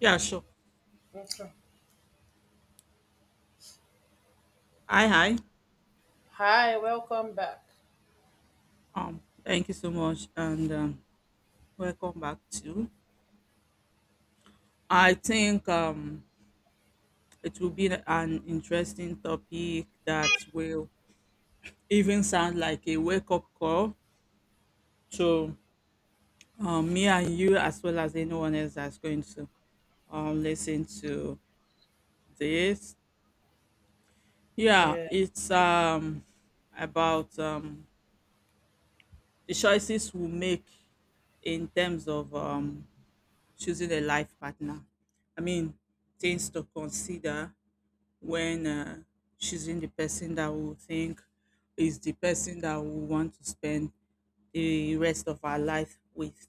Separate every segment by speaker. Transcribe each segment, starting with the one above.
Speaker 1: Yeah, sure.
Speaker 2: Okay.
Speaker 1: Hi, hi.
Speaker 2: Hi, welcome back.
Speaker 1: Thank you so much, and welcome back to. I think it will be an interesting topic that will even sound like a wake up call to me and you, as well as anyone else that's going to listen to this. Yeah,
Speaker 2: Yeah.
Speaker 1: it's um, about the choices we make in terms of choosing a life partner. I mean, things to consider when choosing the person that we think is the person that we want to spend the rest of our life with.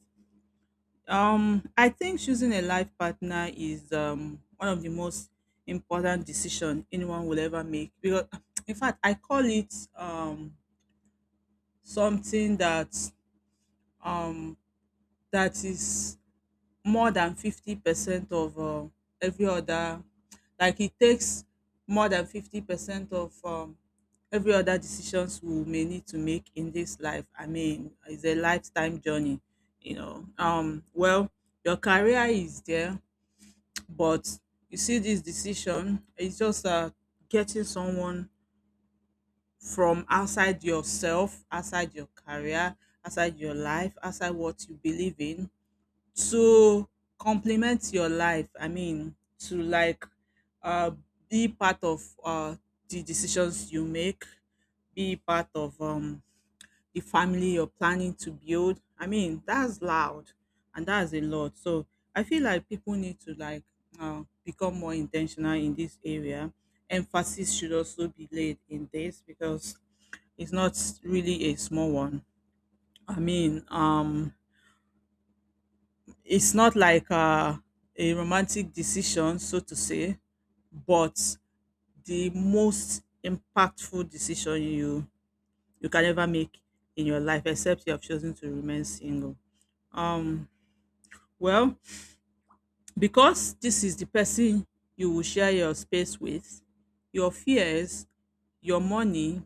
Speaker 1: I think choosing a life partner is one of the most important decision anyone will ever make. Because, in fact, I call it something um, that is more than 50% of every other, like, it takes more than 50% of every other decisions we may need to make in this life. I mean, it's a lifetime journey. Well, your career is there, but you see, this decision is just getting someone from outside yourself, outside your career, outside your life, outside what you believe in, to complement your life. I mean, to like uh, be part of the decisions you make, be part of the family you're planning to build. I mean, that's loud and that's a lot. So I feel like people need to like become more intentional in this area. Emphasis should also be laid in this because it's not really a small one. I mean, it's not like a romantic decision, so to say, but the most impactful decision you can ever make in your life, except you have chosen to remain single. Um, well, because this is the person you will share your space with, your fears, your money,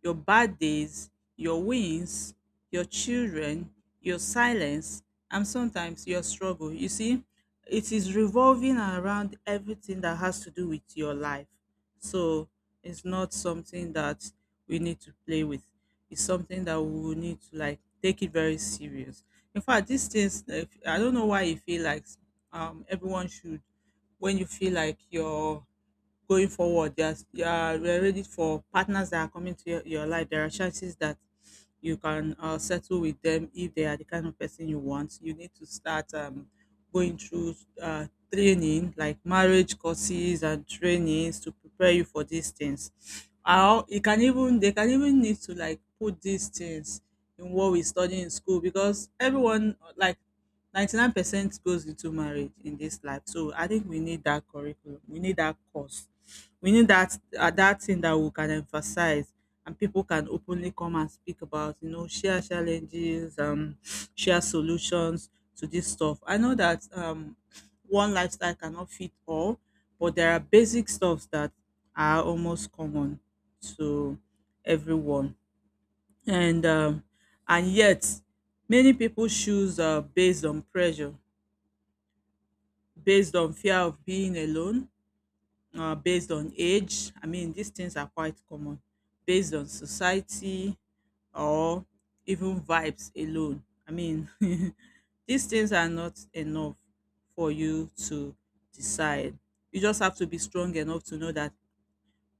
Speaker 1: your bad days, your wins, your children, your silence, and sometimes your struggle. You see, it is revolving around everything that has to do with your life. So it's not something that we need to play with. It's something that we will need to like take it very serious. In fact, these things, I don't know why you feel like everyone should, when you feel like you are ready for partners that are coming to your life, there are chances that you can settle with them. If they are the kind of person you want, you need to start going through uh, training, like marriage courses and trainings, to prepare you for these things. How it can even they can even need to like put these things in what we study in school, because everyone, like, 99% goes into marriage in this life. So I think we need that curriculum. We need that course. We need that thing that we can emphasize and people can openly come and speak about, share challenges, share solutions to this stuff. I know that one lifestyle cannot fit all, but there are basic stuffs that are almost common to everyone. And um and yet many people choose based on pressure, based on fear of being alone, based on age. I mean, these things are quite common, based on society, or even vibes alone. I mean, these things are not enough for you to decide. You just have to be strong enough to know that,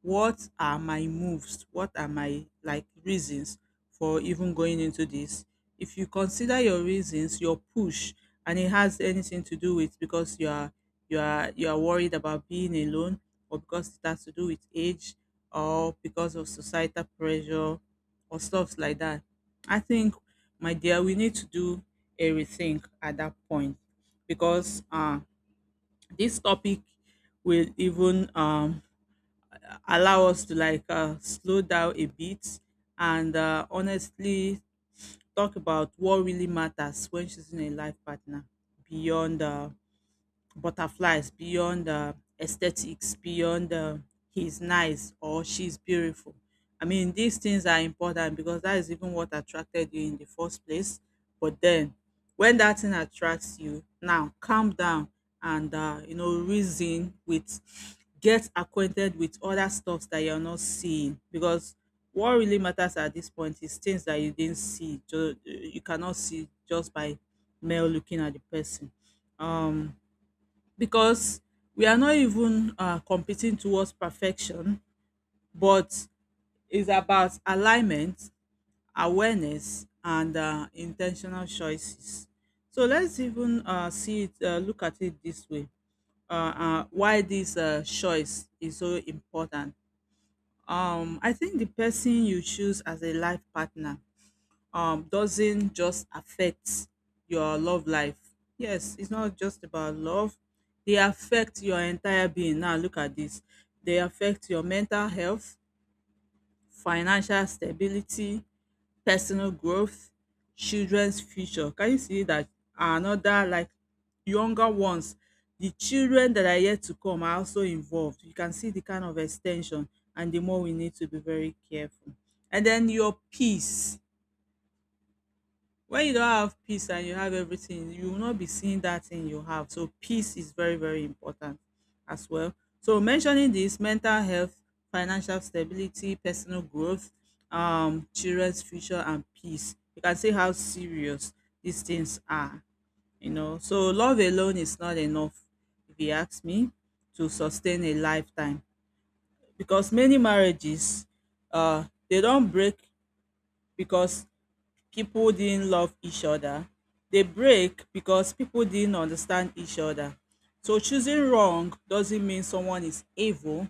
Speaker 1: what are my moves? What are my, like, reasons for even going into this? If you consider your reasons, your push, and it has anything to do with because you are worried about being alone, or because it has to do with age, or because of societal pressure, or stuff like that, I think, my dear, we need to do a rethink at that point. Because this topic will even allow us to like slow down a bit and honestly talk about what really matters when choosing a life partner, beyond butterflies, beyond aesthetics, beyond he's nice or she's beautiful. I mean, these things are important because that is even what attracted you in the first place. But then, when that thing attracts you, now calm down and reason with, get acquainted with other stuff that you're not seeing, because what really matters at this point is things that you didn't see, you cannot see just by male looking at the person. um because we are not even competing towards perfection, but it's about alignment, awareness, and intentional choices. So let's even see it, look at it this way. Why this choice is so important. I think the person you choose as a life partner doesn't just affect your love life. Yes, it's not just about love. They affect your entire being. Now look at this. They affect your mental health, financial stability, personal growth, children's future. Can you see that another, like, younger ones, the children that are yet to come, are also involved. You can see the kind of extension, and the more we need to be very careful. And then your peace. When you don't have peace and you have everything, you will not be seeing that thing you have. So peace is very, very important as well. So, mentioning this: mental health, financial stability, personal growth, children's future, and peace, you can see how serious these things are. So love alone is not enough, if you ask me, to sustain a lifetime. Because many marriages, uh they don't break because people didn't love each other. They break because people didn't understand each other. So choosing wrong doesn't mean someone is evil.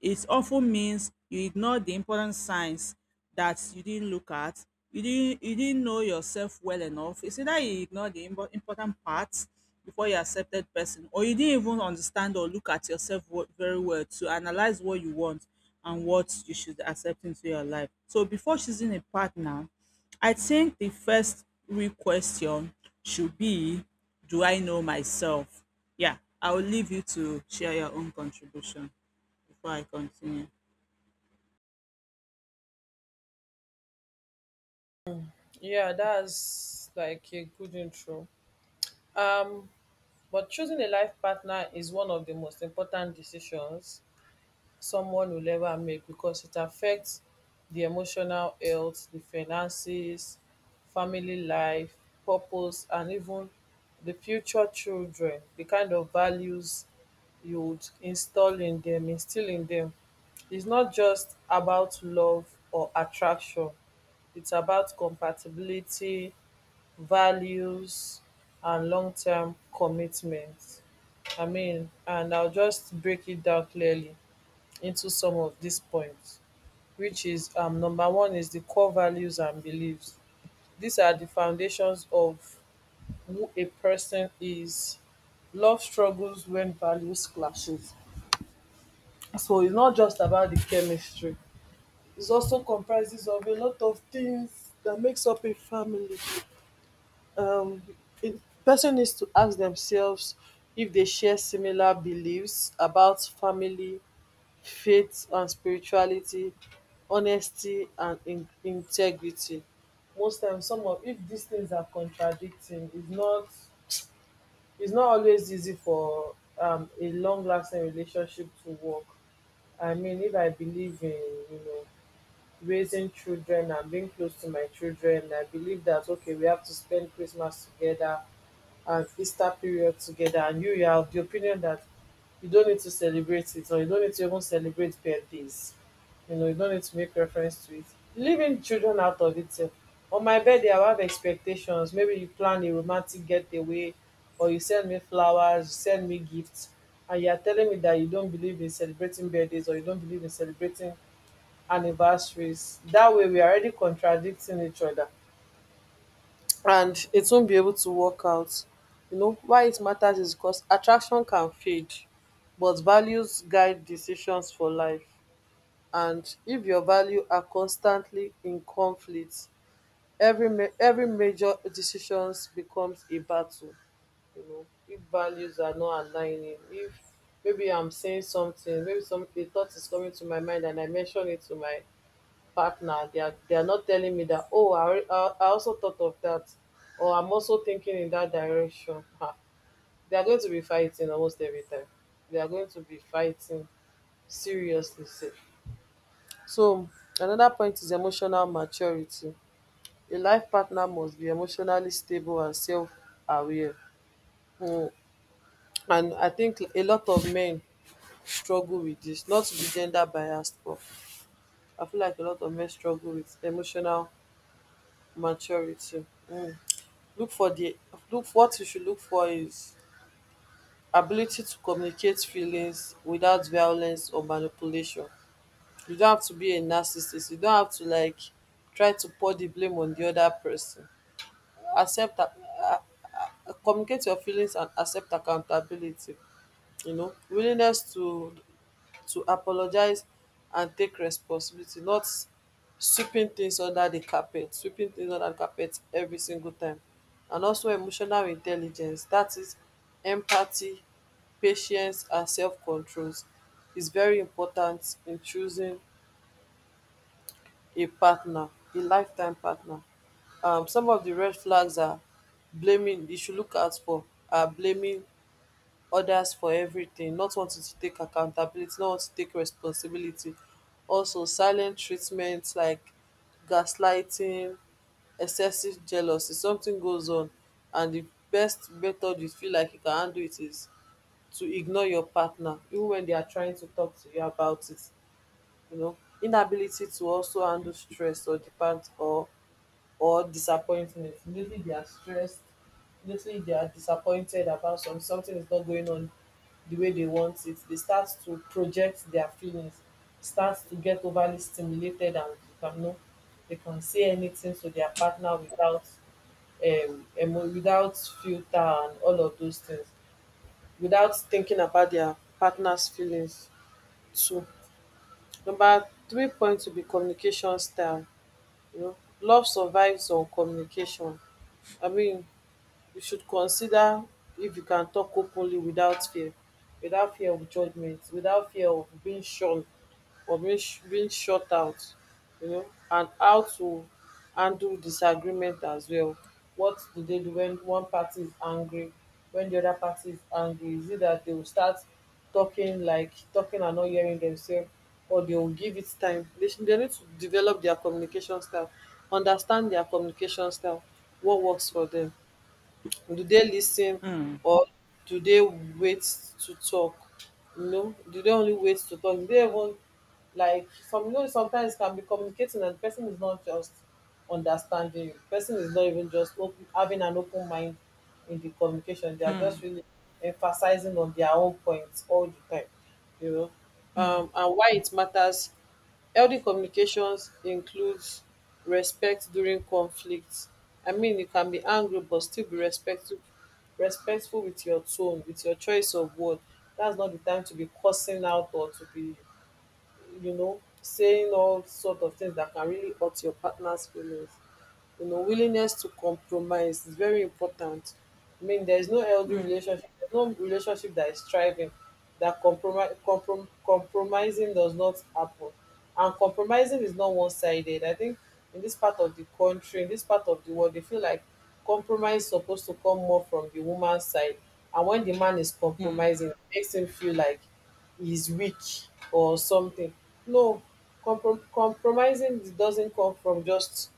Speaker 1: It often means you ignored the important signs that you didn't look at. You didn't know yourself well enough. It's either you ignored the important parts before you accepted person, or you didn't even understand or look at yourself very well to analyze what you want and what you should accept into your life. So before choosing a partner, I think the first real question should be, do I know myself? Yeah, I will leave you to share your own contribution before I continue.
Speaker 2: Yeah, that's like a good intro. Um, but choosing a life partner is one of the most important decisions someone will ever make because it affects the emotional health, the finances, family life, purpose, and even the future children, the kind of values you would instill in them. It's not just about love or attraction, it's about compatibility, values, and long term commitment. I mean, and I'll just break it down clearly into some of these points, which is number one is the core values and beliefs. These are the foundations of who a person is. Love struggles when values clashes. So it's not just about the chemistry. It also comprises of a lot of things that makes up a family. um it person needs to ask themselves if they share similar beliefs about family, faith and spirituality, honesty and in integrity. Most times, some of if these things are contradicting, it's not always easy for a long lasting relationship to work. I mean, if I believe in you know raising children and being close to my children, I believe that okay, we have to spend Christmas together and Easter period together, and you are of the opinion that you don't need to celebrate it, or you don't need to even celebrate birthdays, you know, you don't need to make reference to it, leaving children out of it sef. On my birthday, I will have expectations, maybe you plan a romantic getaway, or you send me flowers, you send me gifts, and you are telling me that you don't believe in celebrating birthdays or you don't believe in celebrating anniversaries. That way, we are already contradicting each other, and it won't be able to work out. You know, why it matters is because attraction can fade, but values guide decisions for life. And if your values are constantly in conflict, every major decisions becomes a battle. You know, if values are not aligning, if maybe I'm saying something, maybe some a thought is coming to my mind, and I mention it to my partner, they are not telling me that oh, I also thought of that, or I'm also thinking in that direction. Ah, they are going to be fighting almost every time, they are going to be fighting seriously safe. So another point is emotional maturity. A life partner must be emotionally stable and self-aware. Hmm. And I think a lot of men struggle with this, not to be gender biased, but I feel like a lot of men struggle with emotional maturity. Hmm. look for the Look what you should look for is ability to communicate feelings without violence or manipulation. You don't have to be a narcissist, you don't have to like try to pour the blame on the other person. accept ac- Communicate your feelings and accept accountability, you know, willingness to apologise and take responsibility, not sweeping things under di carpet every single time. And also emotional intelligence dat is empathy, patience and self controls is very important in choosing a partner, a lifetime partner. Some of di red flags are blaming you should look out for are blaming others for everything, not wanting to take accountability, not want to take responsibility, also silent treatment, like gaslighting, excessive jealousy. Something goes on, and the best method you feel like you can handle it is to ignore your partner even when they are trying to talk to you about it. You know, inability to also handle stress or depend or disappointment. Usually they are stressed. Usually they are disappointed about some something is not going on the way they want it. They start to project their feelings, start to get overly stimulated, and you can know they can say anything to their partner without without filter and all of those things, without thinking about their partner's feelings too. Number three point to be communication style. You know, love survives on communication. I mean, you should consider if you can talk openly without fear, without fear of judgment, without fear of being shun or being shut out. You know, and how to handle disagreement as well. What do they do when one party is angry, when the other party is angry? Is it that they will start talking, like talking and not hearing themselves, or they will give it time? They need to develop their communication style, understand their communication style, what works for them. Do they listen,
Speaker 1: Mm,
Speaker 2: or do they wait to talk? You know, do they only wait to talk, do they even like some, you know, sometimes can be communicating and the person is not just understanding you, person is not even just open, having an open mind in the communication, they are just really emphasizing on their own points all the time. You know, and why it matters, healthy communications includes respect during conflict. I mean, you can be angry but still be respectful, respectful with your tone, with your choice of word. That's not the time to be cursing out or to be, you know, saying all sort of things that can really hurt your partner's feelings. You know, willingness to compromise is very important. I mean, there is no healthy relationship, there's no relationship that is thriving that compromising does not happen. And compromising is not one sided. I think in this part of the country, in this part of the world, they feel like compromise is supposed to come more from the woman's side. And when the man is
Speaker 1: mm,
Speaker 2: compromising, it makes him feel like he's weak or something. No, compromising doesn't come from just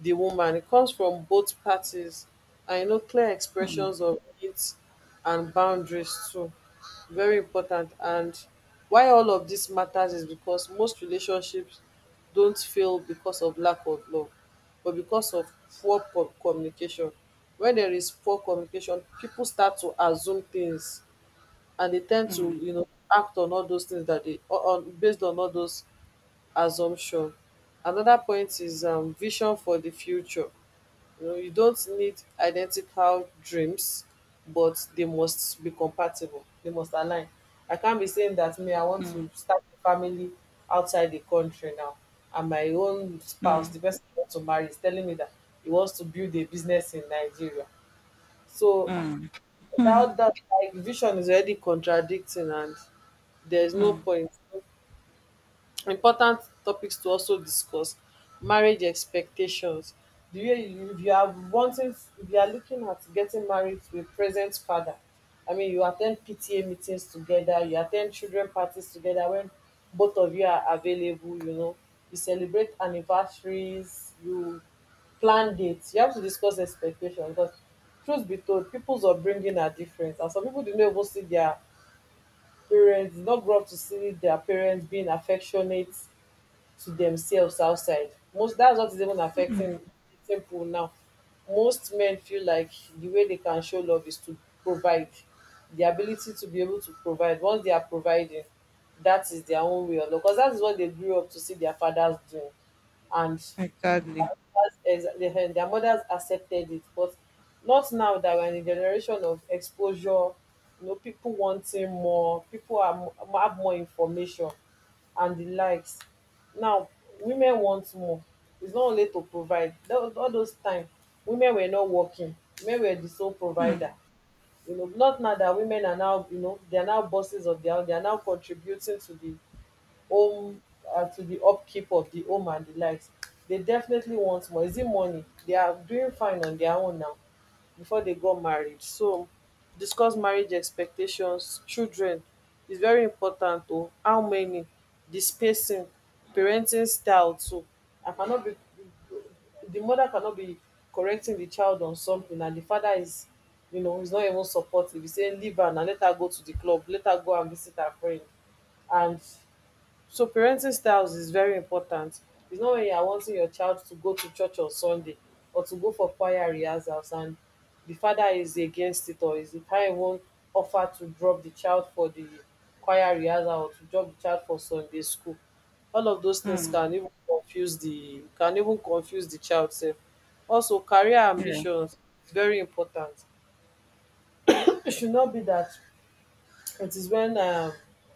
Speaker 2: the woman. It comes from both parties, and you know, clear expressions of needs and boundaries too, very important. And why all of this matters is because most relationships don't fail because of lack of love, but because of poor po communication. When there is poor communication, people start to assume things, and they tend to, you know, act on all those tins dat dey on based on all those assumptions. Another point is vision for the future. You know, you don't need identical dreams, but they must be compatible. They must align. I can't be saying that me, I want to
Speaker 1: mm.
Speaker 2: start a family outside the country now. And my own spouse, the person I want to marry, is telling me that he wants to build a business in Nigeria. So without that, like, vision is already contradicting, and there's no point. Important topics to also discuss: marriage expectations, the way you, if you are wanting, if you are looking at getting married to a present father, I mean, you attend PTA meetings together, you attend children parties together when both of you are available, you know, you celebrate anniversaries, you plan dates. You have to discuss expectations because truth be told, peoples upbringing are different, and some people dey no even see their parents, dey no grow up to see their parents being affectionate to themselves outside. Most, that's what is even affecting people now. Most men feel like the way they can show love is to provide, the ability to be able to provide. Once they are providing, that is their own way of love because that is what they grew up to see their fathers doing, and their
Speaker 1: Exactly.
Speaker 2: their mothers accepted it. But not now that we're in a generation of exposure, you know, people wanting more, have more information and the likes. Now women want more, it's not only to provide. All those time, women were not working, women were the sole provider. You know, not now that women are now, you know, they are now bosses of their own, they are now contributing to the home, to the upkeep of the home and the likes. They definitely want more. Is it money? They are doing fine on their own now before they got married. So discuss marriage expectations, children is very important to how many, the spacing, parenting style too. I cannot be, the mother cannot be correcting the child on something and the father is, you know, is not even supportive. He's saying leave her and let her go to the club, let her go and visit her friend. And so parenting styles is very important. It's not when you are wanting your child to go to church on Sunday or to go for choir rehearsals and the father is against it, or is the parent won't offer to drop the child for the choir rehearsal or to drop the child for Sunday school. All of those things can
Speaker 1: Mm,
Speaker 2: even confuse the child self. Also career
Speaker 1: yeah.
Speaker 2: ambitions is very important. It should not be that it is when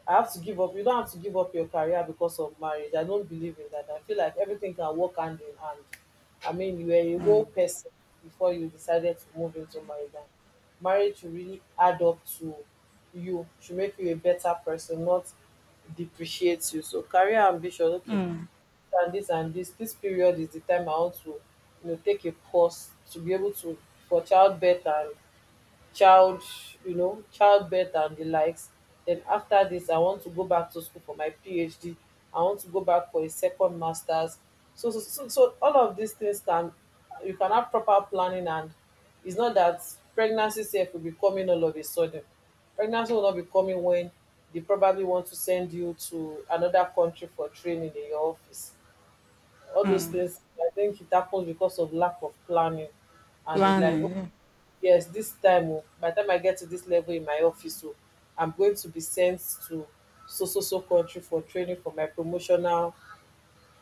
Speaker 2: I have to give up. You don't have to give up your career because of marriage. I don't believe in that. I feel like everything can work hand in hand. I mean, you were a whole person before you decided to move into marriage. And marriage should really add up to you, should make you a better person, not depreciate you. So career ambition, okay, and this period is the time I want to, take a pause to be able to for childbirth and child childbirth and the likes. Then after this I want to go back to school for my PhD. I want to go back for a second masters. So all of these things can, you can have proper planning, and it's not that pregnancy sef will be coming all of a sudden. Pregnancy will not be coming when they probably want to send you to another country for training in your office. All those
Speaker 1: Mm.
Speaker 2: things, I think it happens because of lack of planning and the like.
Speaker 1: Planning.
Speaker 2: Yes, this time, oh, by the time I get to this level in my office, oh, I'm going to be sent to so so so country for training for my promotional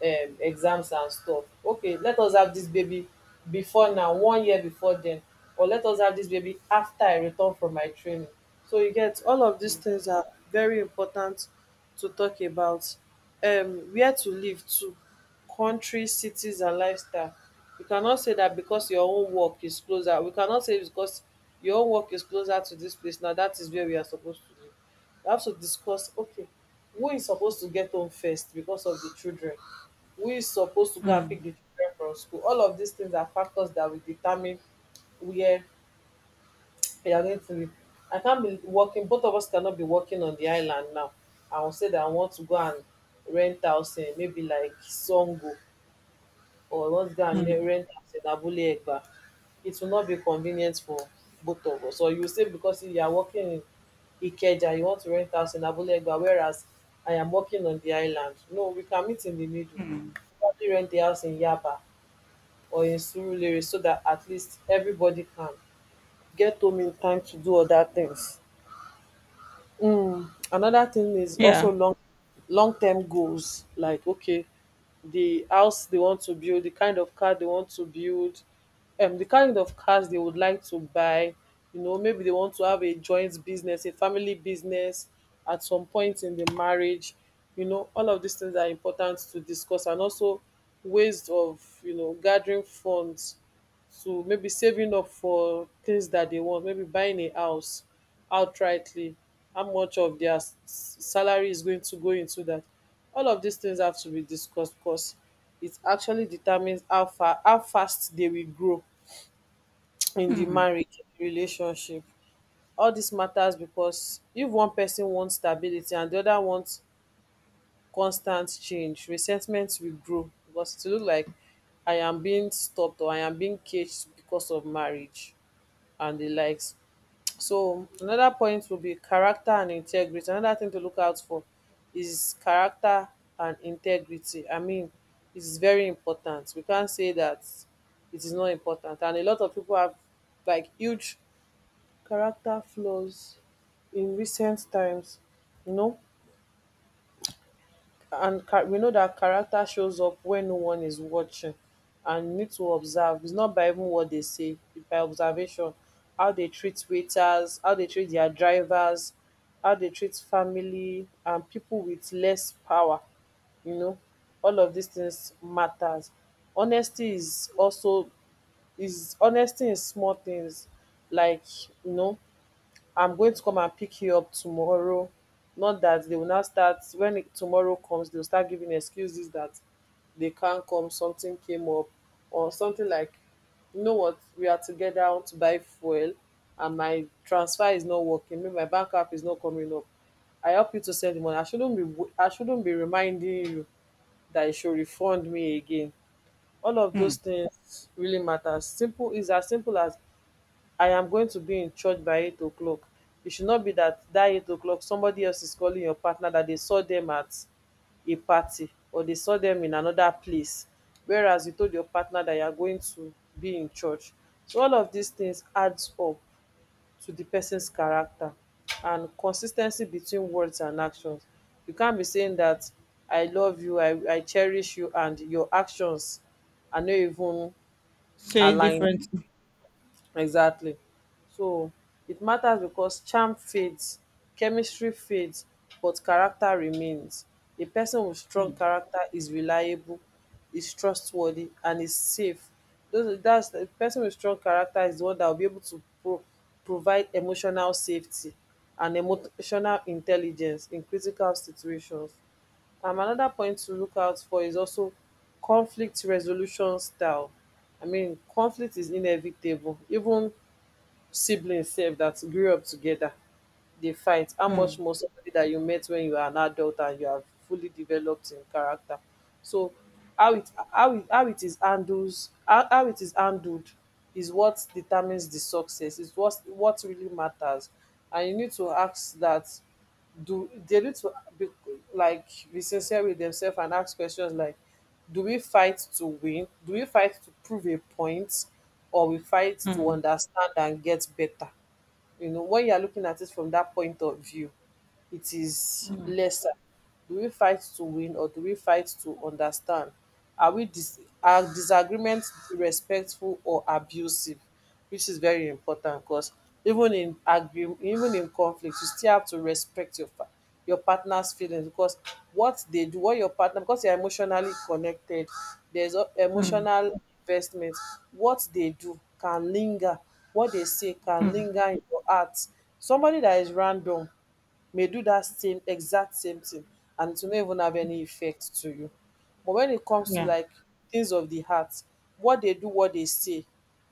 Speaker 2: exams and stuff. Okay, let us have this baby before, now 1 year before then, or let us have this baby after I return from my training. So you get, all of these things are very important to talk about. Where to live to, country, cities and lifestyle. You cannot say that because your own work is closer, we cannot say because your own work is closer to this place, now that is where we are supposed to live. We have to discuss, okay, who is supposed to get home first because of the children, who is supposed to go and pick the children from school. All of these things are factors that will determine where they are going to live. I can't be working, both of us cannot be working on the island now. I will say that I want to go and rent house in maybe like Sango, or I want to go and rent house in Abule Egba. It will not be convenient for both of us. Or you say because you are working in Ikeja you want to rent house in Abule Egba, whereas I am working on the island. No, we can meet in the middle, probably rent the house in Yaba or in Surulere, so that at least everybody can get home in time to do other things. Another thing is
Speaker 1: Yeah. Yeah.
Speaker 2: also long term goals, like okay, the house they want to build, the kind of car they want to build, the kind of cars they would like to buy, you know, maybe they want to have a joint business, a family business at some point in the marriage. You know, all of these things are important to discuss, and also ways of, you know, gathering funds, so maybe saving up for things that they want, maybe buying a house outrightly, how much of their salary is going to go into that. All of these things have to be discussed because it actually determines how fast they will grow in the marriage relationship. All this matters because if one person wants stability and the other wants constant change, resentment will grow because it will look like I am being stopped or I am being caged because of marriage and the likes. So another point will be character and integrity. Another thing to look out for is character and integrity. I mean, it is very important. We can't say that it is not important. And a lot of people have like huge character flaws in recent times, you know, we know that character shows up when no one is watching, and you need to observe. It's not by even what they say, it's by observation. How they treat waiters, how they treat their drivers, how they treat family and people with less power, you know, all of these things matters. Honesty is also, is honesty in small things, like, you know, I'm going to come and pick you up tomorrow. Not that they will now start when tomorrow comes, they'll start giving excuses that they can't come, something came up, or something like, you know what, we are together, I want to buy fuel, and my transfer is not working, maybe my bank app is not coming up. I help you to send the money. I shouldn't be reminding you that you should refund me again. All of those
Speaker 1: Mm.
Speaker 2: things really matter. Simple is as simple as I am going to be in church by eight oclock. It should not be that that eight oclock somebody else is calling your partner that they saw them at a party or they saw them in another place, whereas you told your partner that you are going to be in church. So all of these things adds up to the person's character and consistency between words and actions. You can't be saying that I love you, I cherish you, and your actions are not even
Speaker 1: Say
Speaker 2: aligned.
Speaker 1: different.
Speaker 2: Exactly. So it matters because charm fades, chemistry fades, but character remains. A person with strong character is reliable, is trustworthy, and is safe. Those that's the person with strong character is the one that will be able to provide emotional safety and emotional intelligence in critical situations. Another point to look out for is also conflict resolution style. I mean, conflict is inevitable. Even siblings sef that grew up together dey fight, how much
Speaker 1: Mm,
Speaker 2: more somebody that you met when you are an adult and you are fully developed in character. So how it is handles, how it is handled, is what determines the success, is what really matters. And you need to ask that, do they need to be like, be sincere with themselves and ask questions like, do we fight to win, do we fight to prove a point, or we fight to
Speaker 1: mm,
Speaker 2: understand and get better. You know, when you are looking at it from that point of view, it is lesser. Do we fight to win or do we fight to understand? Are disagreements respectful or abusive? Which is very important, because even even in conflict, you still have to respect your your partner's feelings. Because what they do, what your partner, because you're emotionally connected, emotional investment. What they do can linger, what they say can linger in your heart. Somebody that is random may do that same exact same thing and it will not even have any effect to you. But when it comes to
Speaker 1: yeah.
Speaker 2: like things of the heart, what they do, what they say,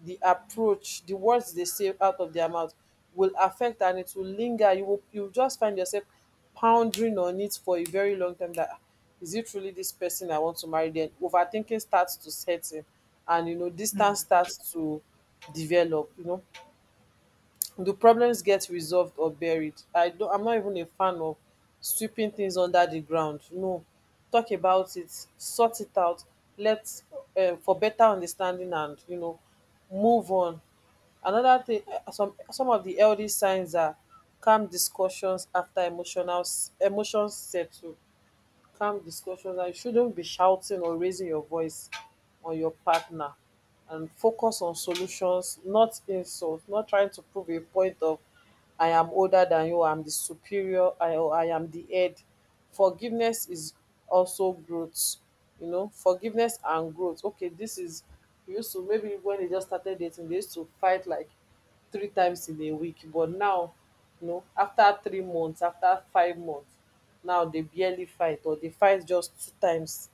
Speaker 2: the approach, the words they say out of their mouth will affect, and it will linger. You will just find yourself pondering on it for a very long time that, "Ah, is it really this person I want to marry?" Then overthinking starts to set in, and you know distance starts to develop, you know. The problems get resolved or buried. I'm not even a fan of sweeping things under the ground. No. Talk about it, sort it out, let for better understanding, and you know, move on. Another thing, some of the healthy signs are calm discussions after emotional emotions settle. Calm discussions. And you shouldn't be shouting or raising your voice on your partner, and focus on solutions, not insult, not trying to prove a point of I am older than you, I'm the superior, I or I am the head. Forgiveness is also growth, you know, forgiveness and growth. Okay, this is, you used to, maybe when they just started dating, they used to fight like 3 times in a week, but now afta 3 months, afta 5 months, now dey barely fight, or dey fight just 2 times,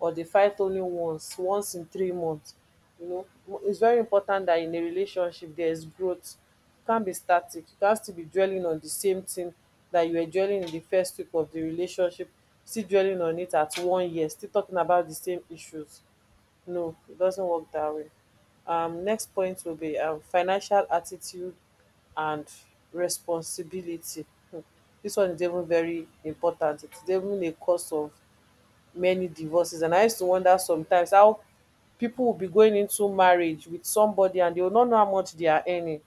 Speaker 2: or dey fight only once, once in 3 months. You know its very important dat in a relationship there is growth. You can't be static, you can't still be dwelling on the same thing dat you were dwelling in the first week of the relationship, still dwelling on it at 1 year, still talking about the same issues. No, it doesn't work that way. Next point will be financial attitude and responsibility. Hmm. This one is even very important. It's even a cause of many divorces. And I used to wonder sometimes how people will be going into marriage with somebody and they will not know how much they are earning.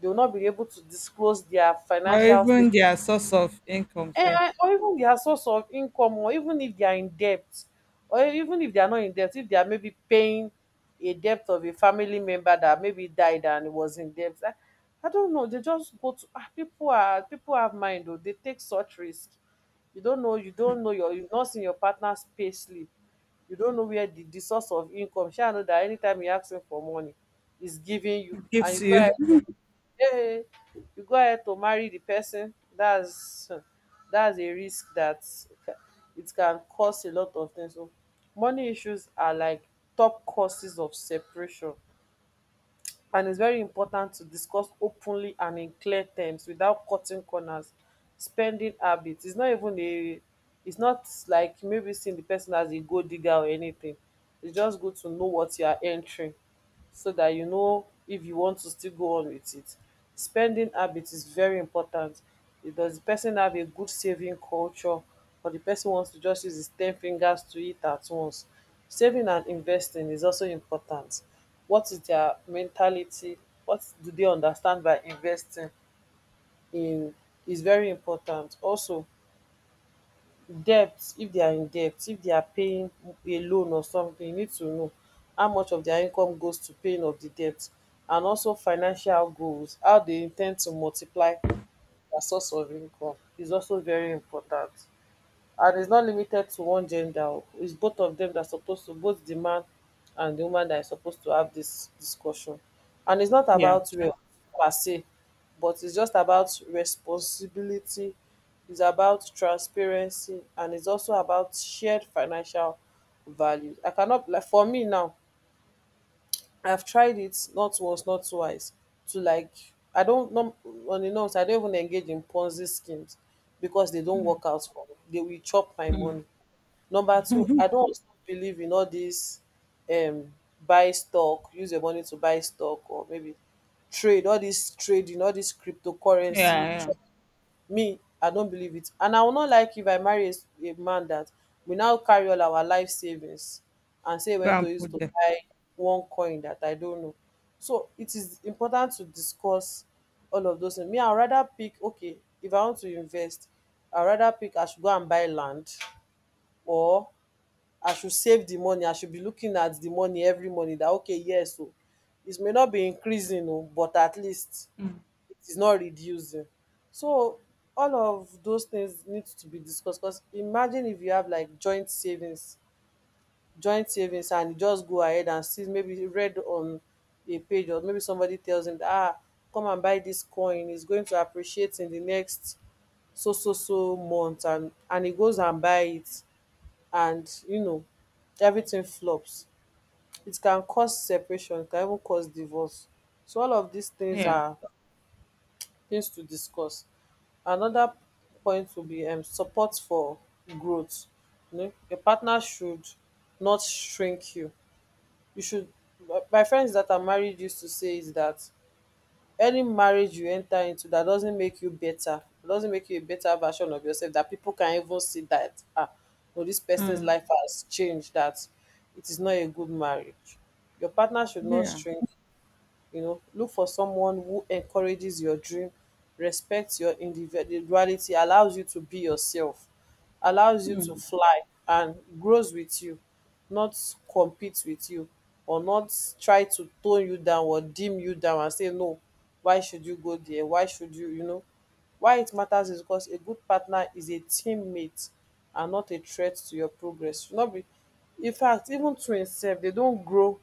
Speaker 2: They will not be able to disclose their
Speaker 1: Or
Speaker 2: financial state.
Speaker 1: even their source of income self
Speaker 2: Eh, or even their source of income, or even if they are in debt, or even if they are not in debt, if they are maybe paying a debt of a family member that maybe died and was in debt. I don't know. They just go to ah, people are people have mind though. They take such risk. You don't know. You don't know your. You've not seen your partner's pay slip. You don't know where the source of income. Sure, I know that anytime you ask him for money, he's giving you, and
Speaker 1: gives
Speaker 2: you go
Speaker 1: you.
Speaker 2: ahead eh, you go ahead to marry the person, that's a risk that ca- it can cause a lot of things. So money issues are like top causes of separation. And it's very important to discuss openly and in clear terms without cutting corners. Spending habits. It's not like maybe seeing the person as a gold digger or anything. It's just good to know what you are entering so that you know if you want to still go on with it. Spending habit is very important. If Does the person have a good saving culture, or the person wants to just use his ten fingers to eat at once? Saving and investing is also important. What is their mentality? What do they understand by investing in is very important. Also, debt, if they are in debt, if they are paying a loan or something, you need to know how much of their income goes to paying of the debt. And also financial goals, how they in ten d to multiply their source of income is also very important. And it's not limited to one gender. It's both of them that are supposed to, both the man and the woman, that is supposed to have this discussion. And it's not
Speaker 1: Yeah.
Speaker 2: about
Speaker 1: Sure.
Speaker 2: wealth per se, but it's just about responsibility. It's about transparency, and it's also about shared financial values. I cannot, like, for me now, I've tried it not once, not twice, to, like, I don't know, on the norms, I don't even engage in Ponzi schemes because they don't work out for me. They will chop my money. Number two, I don't also believe in all this um buy stock, use your money to buy stock, or maybe trade, all this trading, all this cryptocurrency.
Speaker 1: Yeah. Yeah.
Speaker 2: Me, I don't believe it. And I will not like if I marry a, a man that we now carry all our life savings and say we went
Speaker 1: Go
Speaker 2: to
Speaker 1: and
Speaker 2: use
Speaker 1: put
Speaker 2: to
Speaker 1: them.
Speaker 2: buy one coin that I don't know. So it is important to discuss all of those things. Me, I'd rather pick, okay, if I want to invest, I'd rather pick I should go and buy land, or I should save the money. I should be looking at the money every morning that okay, yes, oh, it may not be increasing, oh, but at least it is not reducing. So all of those things need to be discussed because imagine if you have like joint savings, joint savings, and you just go ahead and see maybe you read on a page or maybe somebody tells him that, ah, come and buy this coin, it's going to appreciate in the next so so so month, and he goes and buy it, and you know, everything flops. It can cause separation, it can even cause divorce. So all of these things
Speaker 1: Yeah.
Speaker 2: are things to discuss. Another point will be support for growth. You know, your partner should not shrink you. You should. My friends that are married used to say is that any marriage you enter into that doesn't make you better, doesn't make you a better version of yourself, that people can even see that ah, no, this person's
Speaker 1: Mm,
Speaker 2: life has changed, that it is not a good marriage. Your partner should not
Speaker 1: yeah.
Speaker 2: string, you know, look for someone who encourages your dream, respects your individuality, allows you to be yourself, allows you to fly, and grows with you, not compete with you, or not try to tone you down or dim you down and say no, why should you go there, why should you, you know, why it matters is because a good partner is a teammate and not a threat to your progress. Should not be, in fact, even twins sef, they don't grow,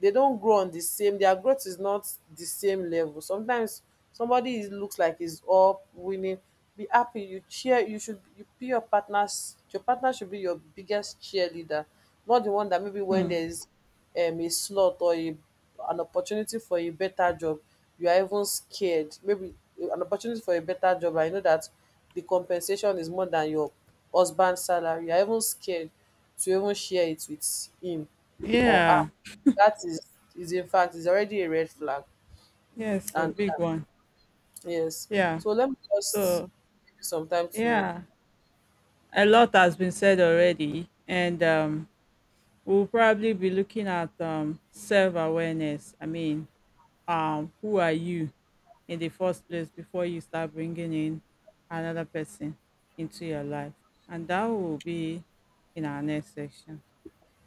Speaker 2: they don't grow on the same, their growth is not the same level. Sometimes somebody is looks like he's up winning, be happy, you cheer, you should, you be your partner's, your partner should be your biggest cheerleader, not the one that maybe when there
Speaker 1: Mm,
Speaker 2: is a slump or a an opportunity for a better job, you are even scared. Maybe an opportunity for a better job, I know that the compensation is more than your husband's salary. You are even scared to even share it with him or her.
Speaker 1: yeah.
Speaker 2: That is in fact, is already a red flag.
Speaker 1: Yes, a
Speaker 2: And
Speaker 1: big one.
Speaker 2: yes,
Speaker 1: Yeah.
Speaker 2: so let me just
Speaker 1: So
Speaker 2: give you some time to.
Speaker 1: yeah. A lot has been said already, and we'll probably be looking at self awareness. I mean, who are you in the first place before you start bringing in another person into your life? And that will be in our next section.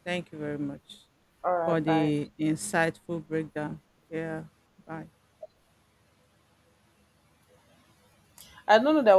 Speaker 1: Thank you very much
Speaker 2: All
Speaker 1: for
Speaker 2: right, bye.
Speaker 1: the insightful breakdown. Yeah, bye.
Speaker 2: I don't know that was.